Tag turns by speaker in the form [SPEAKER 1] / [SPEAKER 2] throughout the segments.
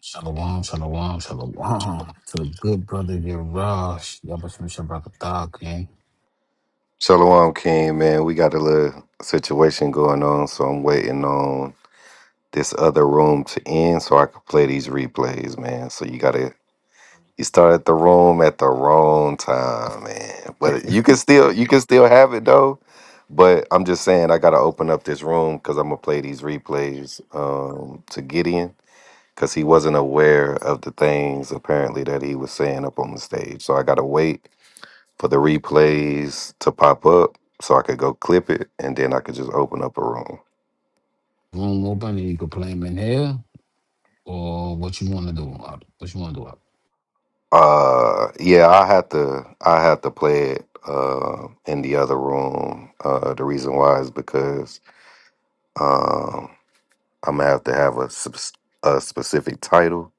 [SPEAKER 1] Shalom, shalom, shalom to the good brother Yarash. Yabashim Shabrakatah, gang.
[SPEAKER 2] Shalom King, man. We got a little situation going on, so I'm waiting on this other room to end so I can play these replays, man. So you gotta you started the room at the wrong time, man. But you can still you can still have it though. But I'm just saying I gotta open up this room because I'm gonna play these replays um to Gideon because he wasn't aware of the things apparently that he was saying up on the stage. So I gotta wait for the replays to pop up so I could go clip it and then I could just open up a room.
[SPEAKER 1] Room open and you can play him in here or what you want to do. Up. What you want to do. Up.
[SPEAKER 2] Uh yeah, I had to I had to play it uh in the other room. Uh the reason why is because um I'm gonna have to have a subs- a specific title.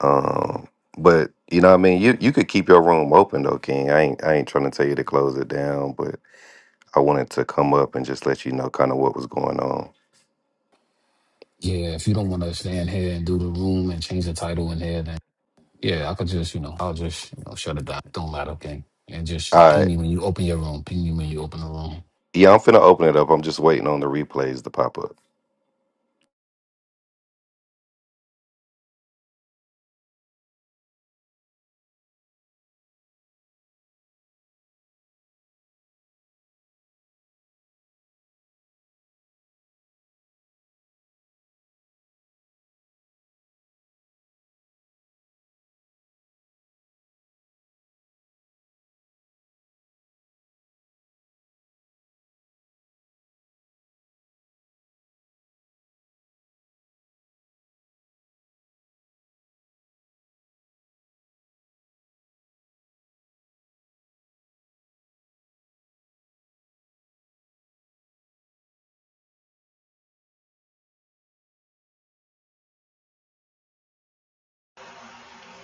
[SPEAKER 2] Um but you know what I mean you you could keep your room open though, King. I ain't I ain't trying to tell you to close it down, but I wanted to come up and just let you know kind of what was going on.
[SPEAKER 1] Yeah, if you don't want to stay in here and do the room and change the title in here, then yeah, I could just, you know, I'll just you know, shut it down. Don't matter, okay? And just
[SPEAKER 2] All right.
[SPEAKER 1] ping me when you open your room. Ping me when you open the room.
[SPEAKER 2] Yeah, I'm finna open it up. I'm just waiting on the replays to pop up.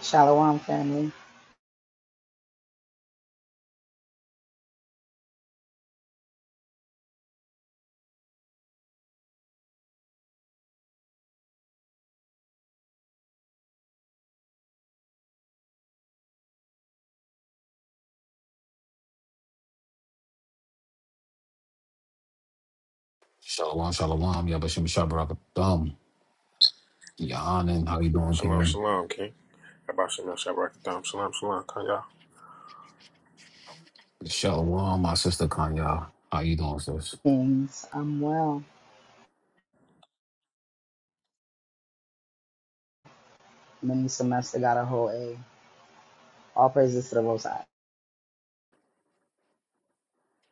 [SPEAKER 3] Shalom, family.
[SPEAKER 1] Shalom, shalom. Yabashim Shabrakatah. Yahanan, how you doing,
[SPEAKER 4] Shalom,
[SPEAKER 1] King?
[SPEAKER 4] shalom, King. About Shalom, Shabbat, Shalom, shalom, Kanya.
[SPEAKER 1] Shalom, my sister Kanya. How you doing, sis?
[SPEAKER 3] things I'm well. Mini semester got a whole A. All praises to the Most High.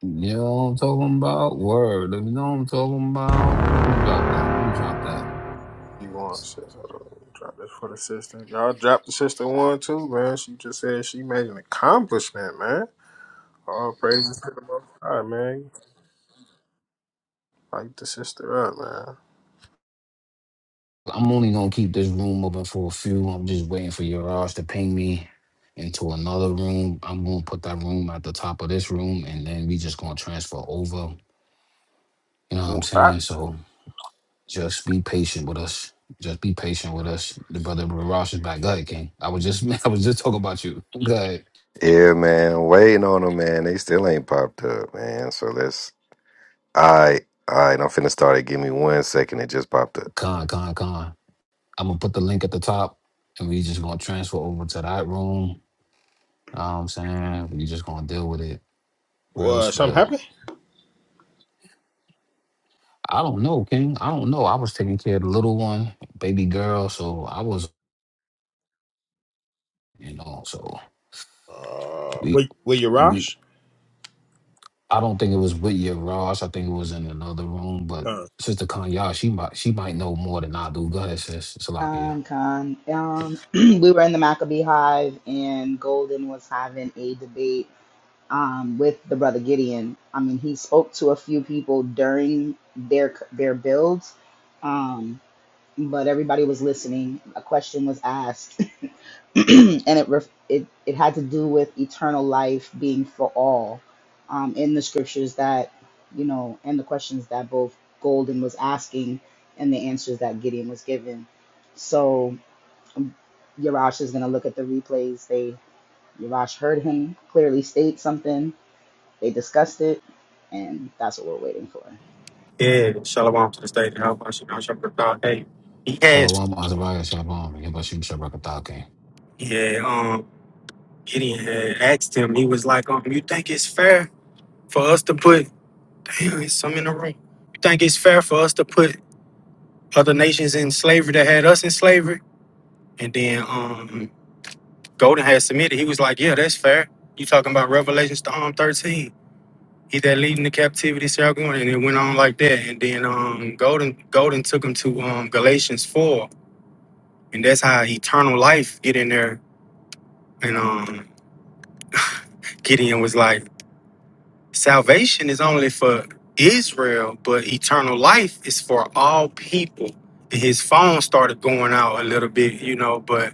[SPEAKER 1] You know what I'm talking about? Word. You know what I'm talking about? Let me drop that. Let me drop that.
[SPEAKER 4] You want, sis? I don't even drop this for the sister. Y'all drop the sister one too, man. She just said she made an accomplishment, man. All praises to the Most High, man. Light the sister up, man.
[SPEAKER 1] I'm only gonna keep this room open for a few. I'm just waiting for your Yaraj to ping me into another room. I'm gonna put that room at the top of this room and then we just gonna transfer over. You know what I'm
[SPEAKER 4] Wha- I-
[SPEAKER 1] saying? So just be patient with us. Just be patient with us. The brother Rosh is back. Go ahead, King. I was just I was just talking about you. Go ahead.
[SPEAKER 2] Yeah, man, waiting on them, man. They still ain't popped up, man. So let's. All right, all right. I'm finna start it. Give me one second. It just popped up.
[SPEAKER 1] Con, con, con. I'm gonna put the link at the top and we just gonna transfer over to that room You know what I'm saying? You just gonna deal with it. Real
[SPEAKER 4] Well, something
[SPEAKER 1] spill.
[SPEAKER 4] happened?
[SPEAKER 1] I don't know, King. I don't know. I was taking care of the little one, baby girl, so I was you know, so
[SPEAKER 4] Uh,
[SPEAKER 1] we
[SPEAKER 4] wait, wait, your
[SPEAKER 1] we
[SPEAKER 4] Rosh?
[SPEAKER 1] I don't think it was with your Ross. I think it was in another room, but
[SPEAKER 4] Huh.
[SPEAKER 1] Sister Kanya, she might she might know more than I do. Go ahead, sis. Salakia.
[SPEAKER 3] Con, con. Um, we were in the Maccabee Hive, and Golden was having a debate um, with the brother Gideon. I mean, he spoke to a few people during their their builds, um, but everybody was listening. A question was asked, and it, ref- it it had to do with eternal life being for all um, in the scriptures that you know and the questions that both golden was asking and the answers that gideon was given so um, yarash is going to look at the replays they yarash heard him clearly state something they discussed it and that's what we're waiting for
[SPEAKER 5] Yeah, Shalom to the state of Hellfire, you know, Shabbata. Hey, he had,
[SPEAKER 1] Shalom Azariah Shabam. Yabashim Shabrakatake.
[SPEAKER 5] yeah, um, Gideon had asked him, he was like, um, you think it's fair for us to put, damn, it's some in the room. You think it's fair for us to put other nations in slavery that had us in slavery? And then, um, Golden had submitted. He was like, yeah, that's fair. You talking about Revelation um, 13. He that leading the captivity shall go on. And it went on like that. And then, um, Golden, Golden took him to, um, Galatians 4 and that's how eternal life get in there. And um, Gideon was like, salvation is only for Israel, but eternal life is for all people. And his phone started going out a little bit, you know, but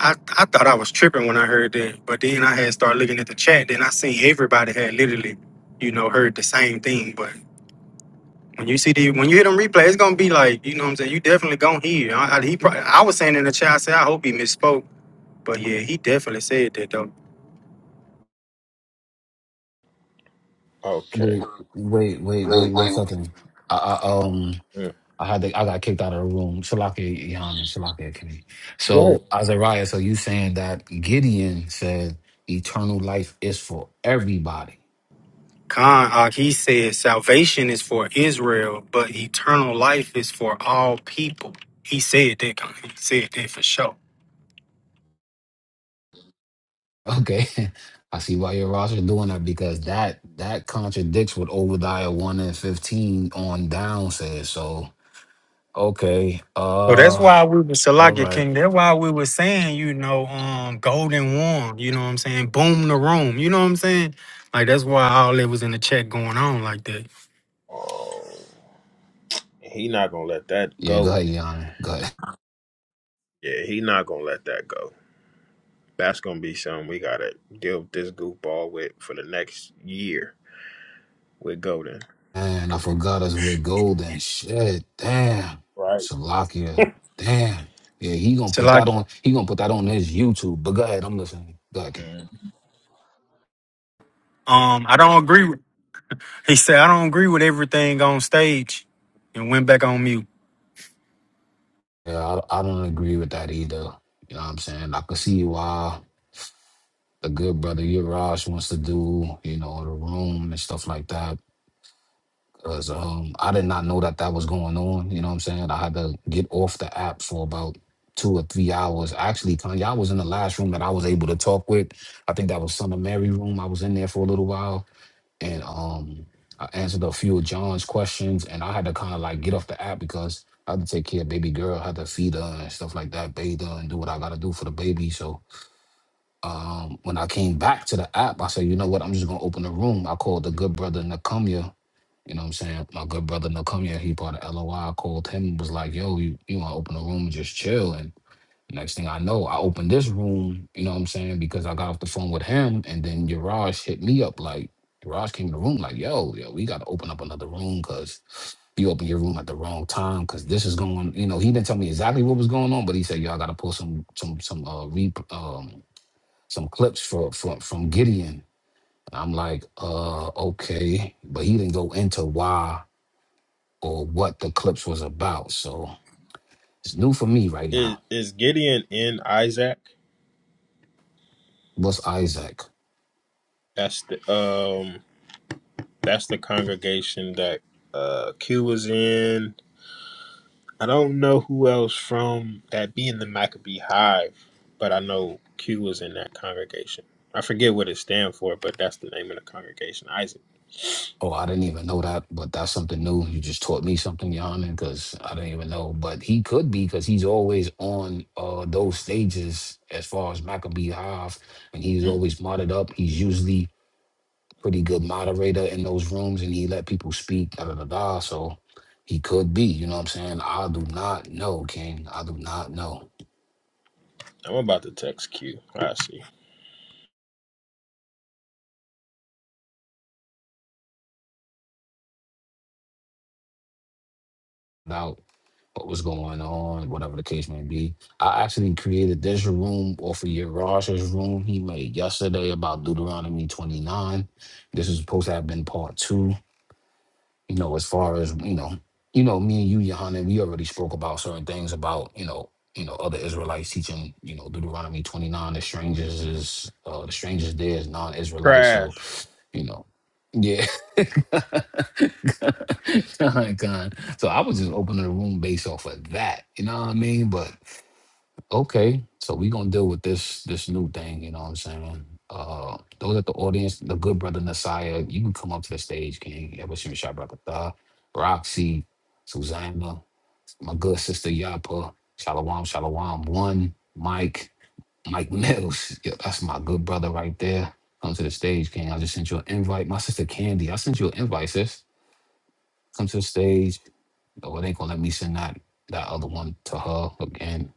[SPEAKER 5] I, I thought I was tripping when I heard that. But then I had started looking at the chat, then I seen everybody had literally, you know, heard the same thing. But when you see the when you hear them replay, it's gonna be like, you know what I'm saying? You definitely gonna hear. I, I, he probably, I was saying in the chat, I said, I hope he misspoke But yeah, he definitely said that though.
[SPEAKER 4] Okay.
[SPEAKER 1] Wait, wait, wait, wait
[SPEAKER 4] Wait,
[SPEAKER 1] one
[SPEAKER 4] wait.
[SPEAKER 1] second. I, I um
[SPEAKER 4] Yeah.
[SPEAKER 1] I had to, I got kicked out of the room. Shalaka Yam and Shalaka Kenny.
[SPEAKER 4] Go
[SPEAKER 1] So
[SPEAKER 4] ahead.
[SPEAKER 1] Azariah, so you saying that Gideon said eternal life is for everybody.
[SPEAKER 5] Khan, uh, he said salvation is for Israel, but eternal life is for all people. He said that. Khan. He said that for sure.
[SPEAKER 1] Okay. I see why your roster doing that because that that contradicts what Obadiah 1 and 15 on down says. So okay.
[SPEAKER 5] So that's
[SPEAKER 1] Uh
[SPEAKER 5] why we were
[SPEAKER 1] all
[SPEAKER 5] Salakia
[SPEAKER 1] right.
[SPEAKER 5] King. That's why we were saying, you know, um, golden warm. You know what I'm saying? Boom the room. You know what I'm saying? Like that's why all that was in the chat going on like that.
[SPEAKER 4] Oh, he not gonna let that
[SPEAKER 1] Yeah, go
[SPEAKER 4] go.
[SPEAKER 1] ahead, Yana. Go ahead.
[SPEAKER 4] Yeah, he not gonna let that go. That's gonna be something we gotta deal with this goofball with for the next year with Golden.
[SPEAKER 1] Man, I
[SPEAKER 4] Cause he-
[SPEAKER 1] forgot us with Golden. Shit, damn.
[SPEAKER 4] right,
[SPEAKER 1] Salakia. Damn. Yeah, he gonna put that
[SPEAKER 5] Salakia.
[SPEAKER 1] on. He gonna put that on his YouTube. But go ahead, I'm listening. Go ahead, Key.
[SPEAKER 4] Mm.
[SPEAKER 5] Um, I don't agree. With, he said I don't agree with everything on stage, and went back on mute.
[SPEAKER 1] Yeah, I, I don't agree with that either. You know what I'm saying? I can see why the good brother Urash wants to do, you know, the room and stuff like that. because um, I did not know that that was going on. You know what I'm saying? I had to get off the app for about two or three hours. Actually, Kanye, I was in the last room that I was able to talk with. I think that was Son of Mary room. I was in there for a little while and um, I answered a few of John's questions and I had to kind of like get off the app because I had to take care of baby girl, I had to feed her and stuff like that, bathe her and do what I got to do for the baby. So um, when I came back to the app, I said, you know what? I'm just going to open the room. I called the good brother Nakumia you know what I'm saying? My good brother Nakumia, he bought a LOI, called him, and was like, yo, you, you wanna open a room and just chill. And next thing I know, I opened this room, you know what I'm saying? Because I got off the phone with him and then Yaraj hit me up like Yaraj came in the room like, yo, yo, we gotta open up another room because you opened your room at the wrong time because this is going, you know, he didn't tell me exactly what was going on, but he said, Yo, I gotta pull some some some uh re um some clips for from from Gideon. I'm like, uh, okay. But he didn't go into why or what the clips was about. So it's new for me right
[SPEAKER 4] is
[SPEAKER 1] now.
[SPEAKER 4] is Gideon in Isaac?
[SPEAKER 1] What's Isaac?
[SPEAKER 4] That's the um that's the congregation that uh Q was in. I don't know who else from that be in the Maccabee Hive, but I know Q was in that congregation. I forget what it stands for, but that's the name of the congregation, Isaac.
[SPEAKER 1] Oh, I didn't even know that, but that's something new. You just taught me something, Yohanan, because I didn't even know. But he could be because he's always on uh, those stages as far as Maccabee Hive, and he's
[SPEAKER 4] Mm.
[SPEAKER 1] always modded up. He's usually pretty good moderator in those rooms, and he let people speak. Da da da da. So he could be. You know what I'm saying? I do not know, King. I do not know.
[SPEAKER 4] I'm about to text Q. I see.
[SPEAKER 1] what was going on, whatever the case may be. I actually created this room off of Yaraj's room he made yesterday about Deuteronomy 29. This is supposed to have been part two. You know, as far as, you know, you know, me and you, Yohanan, we already spoke about certain things about, you know, you know, other Israelites teaching, you know, Deuteronomy 29, the strangers is uh the strangers there is non-Israelite. So
[SPEAKER 4] Crash.
[SPEAKER 1] you know. Yeah. Con, con. So I was just opening the room based off of that. You know what I mean? But okay. So we gonna deal with this this new thing, you know what I'm saying? Uh those at the audience, the good brother Nasiah, you can come up to the stage, King. Ever Shabrakata, Roxy, Susanna, my good sister Yapa, Shalawam, Shalawam, one, Mike. Mike Mills. Yo, that's my good brother right there. Come to the stage, King. I just sent you an invite. My sister Candy, I sent you an invite, sis. Come to the stage. Oh, it ain't gonna let me send that that other one to her again.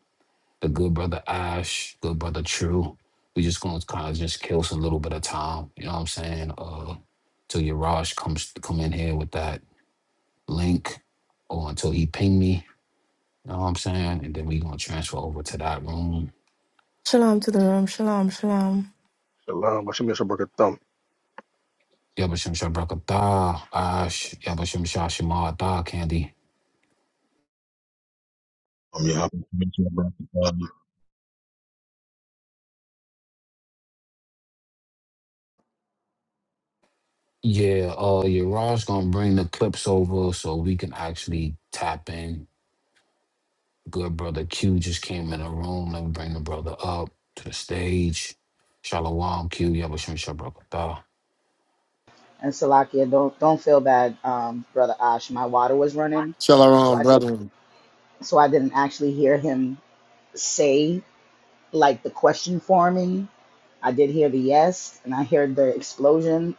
[SPEAKER 1] The good brother Ash, good brother True. We just gonna kind of just kill some little bit of time. You know what I'm saying? Uh, till Yaraj comes come in here with that link, or until he ping me. You know what I'm saying? And then we gonna transfer over to that room
[SPEAKER 6] Shalom to the room. Shalom, shalom.
[SPEAKER 7] Shalom, Hashem Yashem Baruch Thumb.
[SPEAKER 1] Yabashim Shabrakata, Ash, Yabashim Shashimata, Candy.
[SPEAKER 8] I'm your host, Mitchell Brown.
[SPEAKER 1] Yeah, uh, Yaraj gonna bring the clips over so we can actually tap in. Good brother Q just came in the room. Let me bring the brother up to the stage. Shalom Q, Yabashim Shabrakata.
[SPEAKER 3] and salakia don't don't feel bad um, brother ash my water was running so i
[SPEAKER 9] Shalom,
[SPEAKER 3] di-
[SPEAKER 9] brethren.
[SPEAKER 3] so i didn't actually hear him say like the question forming. I did hear the yes and I heard the explosion,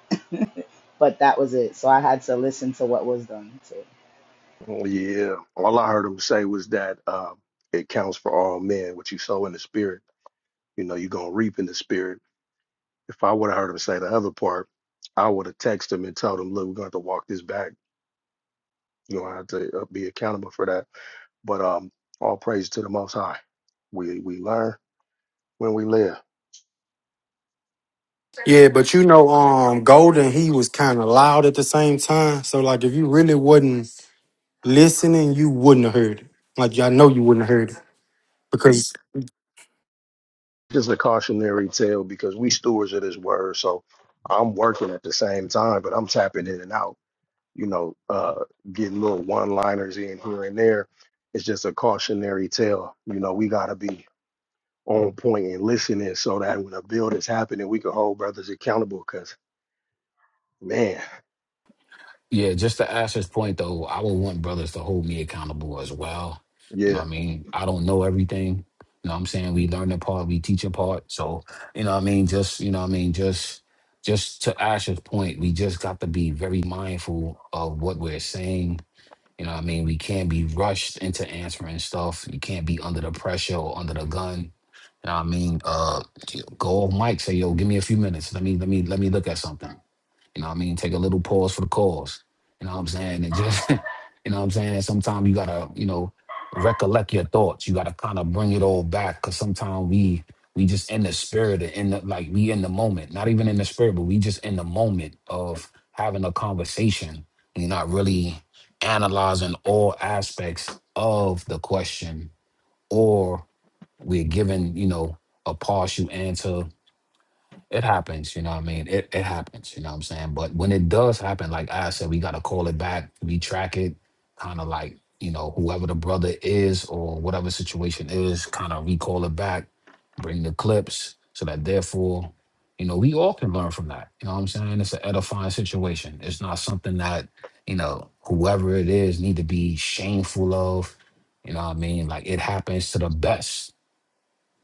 [SPEAKER 3] but that was it. So I had to listen to what was done. too.
[SPEAKER 7] Yeah. All I heard him say was that uh, it counts for all men, what you sow in the spirit. You know, you're going to reap in the spirit. If I would have heard him say the other part, I would have texted him and told him, look, we're going to have to walk this back. you know, I have to uh, be accountable for that. But um, all praise to the Most High. We, we learn when we live.
[SPEAKER 5] Yeah, but you know, um, Golden, he was kind of loud at the same time. So, like, if you really wasn't listening, you wouldn't have heard it. Like, I know you wouldn't have heard it because
[SPEAKER 7] Just a cautionary tale because we stewards of this word. So I'm working at the same time, but I'm tapping in and out you know, uh, getting little one-liners in here and there. It's just a cautionary tale. You know, we got to be on point and listening so that when a build is happening, we can hold brothers accountable. Cause man,
[SPEAKER 1] Yeah, just to Asher's point though, I would want brothers to hold me accountable as well. You know
[SPEAKER 7] yeah,
[SPEAKER 1] what I mean? I don't know everything. You know what I'm saying? We learn a part, we teach a part. So, you know what I mean? Just, you know what I mean? Just just to Asher's point, we just got to be very mindful of what we're saying. You know what I mean? We can't be rushed into answering stuff. You can't be under the pressure or under the gun. You know what I mean? Uh go off mic, say, yo, give me a few minutes. Let me let me let me look at something. You know what I mean? Take a little pause for the cause. You know what I'm saying? And just, you know what I'm saying? And Sometimes you gotta, you know, recollect your thoughts. You gotta kind of bring it all back because sometimes we we just in the spirit and in the like we in the moment. Not even in the spirit, but we just in the moment of having a conversation. And you're not really analyzing all aspects of the question, or we're given, you know, a partial answer it happens, you know what I mean? It it happens, you know what I'm saying? But when it does happen, like I said, we gotta call it back, we track it, kind of like, you know, whoever the brother is or whatever situation is, kind of recall it back, bring the clips so that therefore, you know, we all can learn from that. You know what I'm saying? It's an edifying situation. It's not something that, you know, whoever it is need to be shameful of. You know what I mean? Like it happens to the best.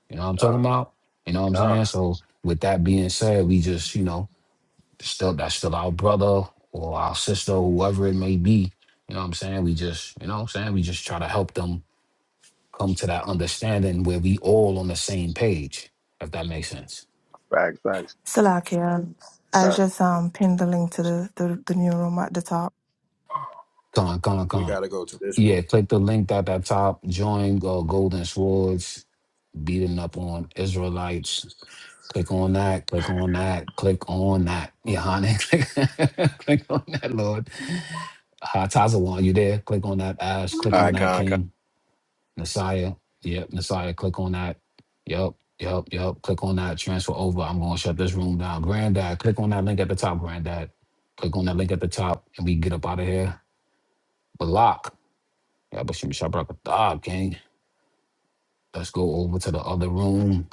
[SPEAKER 1] You know what I'm
[SPEAKER 7] uh,
[SPEAKER 1] talking about? You know what I'm
[SPEAKER 7] God,
[SPEAKER 1] saying? So with that being said, we just, you know, still that's still our brother or our sister, whoever it may be. You know what I'm saying? We just, you know what I'm saying? We just try to help them come to that understanding where we all on the same page, if that makes sense.
[SPEAKER 7] facts, facts,
[SPEAKER 6] Salakia. I
[SPEAKER 7] facts.
[SPEAKER 6] just um pinned the link to the, the, the new room at the top.
[SPEAKER 1] Con, con,
[SPEAKER 4] We
[SPEAKER 1] con.
[SPEAKER 4] gotta go to this room.
[SPEAKER 1] Yeah, click the link at the top, join uh, Golden Swords, beating up on Israelites. Click on that, click on that, click on that. Yeah, honey. click on that, Lord Hi Hatazawan, you there? Click on that Ash. Click
[SPEAKER 10] All
[SPEAKER 1] on
[SPEAKER 10] right,
[SPEAKER 1] that
[SPEAKER 10] con,
[SPEAKER 1] King. Messiah. Yep, Messiah. Click on that. Yep, yep, yep. Click on that. Transfer over. I'm going to shut this room down. Granddad, click on that link at the top, Granddad. Click on that link at the top and we get up out of here. Block. Yeah, but Shimmy Shabrakadab, King. Let's go over to the other room.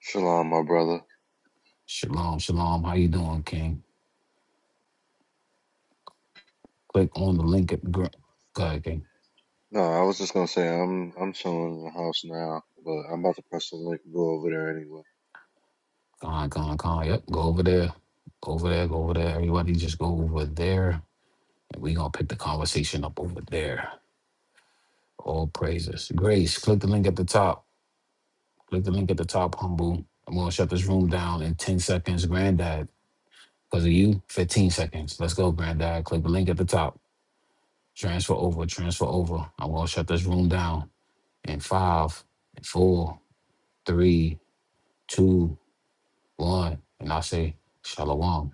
[SPEAKER 11] Shalom, my brother.
[SPEAKER 1] Shalom, shalom. How you doing, King? Click on the link at gr- Go ahead, King.
[SPEAKER 11] No, I was just gonna say I'm I'm chilling in the house now, but I'm about to press the link and go over there anyway.
[SPEAKER 1] Con, con, con. Yep, go over there. Go over there, go over there. Everybody just go over there We gonna pick the conversation up over there. All praises. Grace, click the link at the top. Click the link at the top, humble. I'm gonna shut this room down in 10 seconds, granddad. Because of you, 15 seconds. Let's go, granddad. Click the link at the top. Transfer over, transfer over. I'm gonna shut this room down in five, four, three, two, one. And I say, Shalom.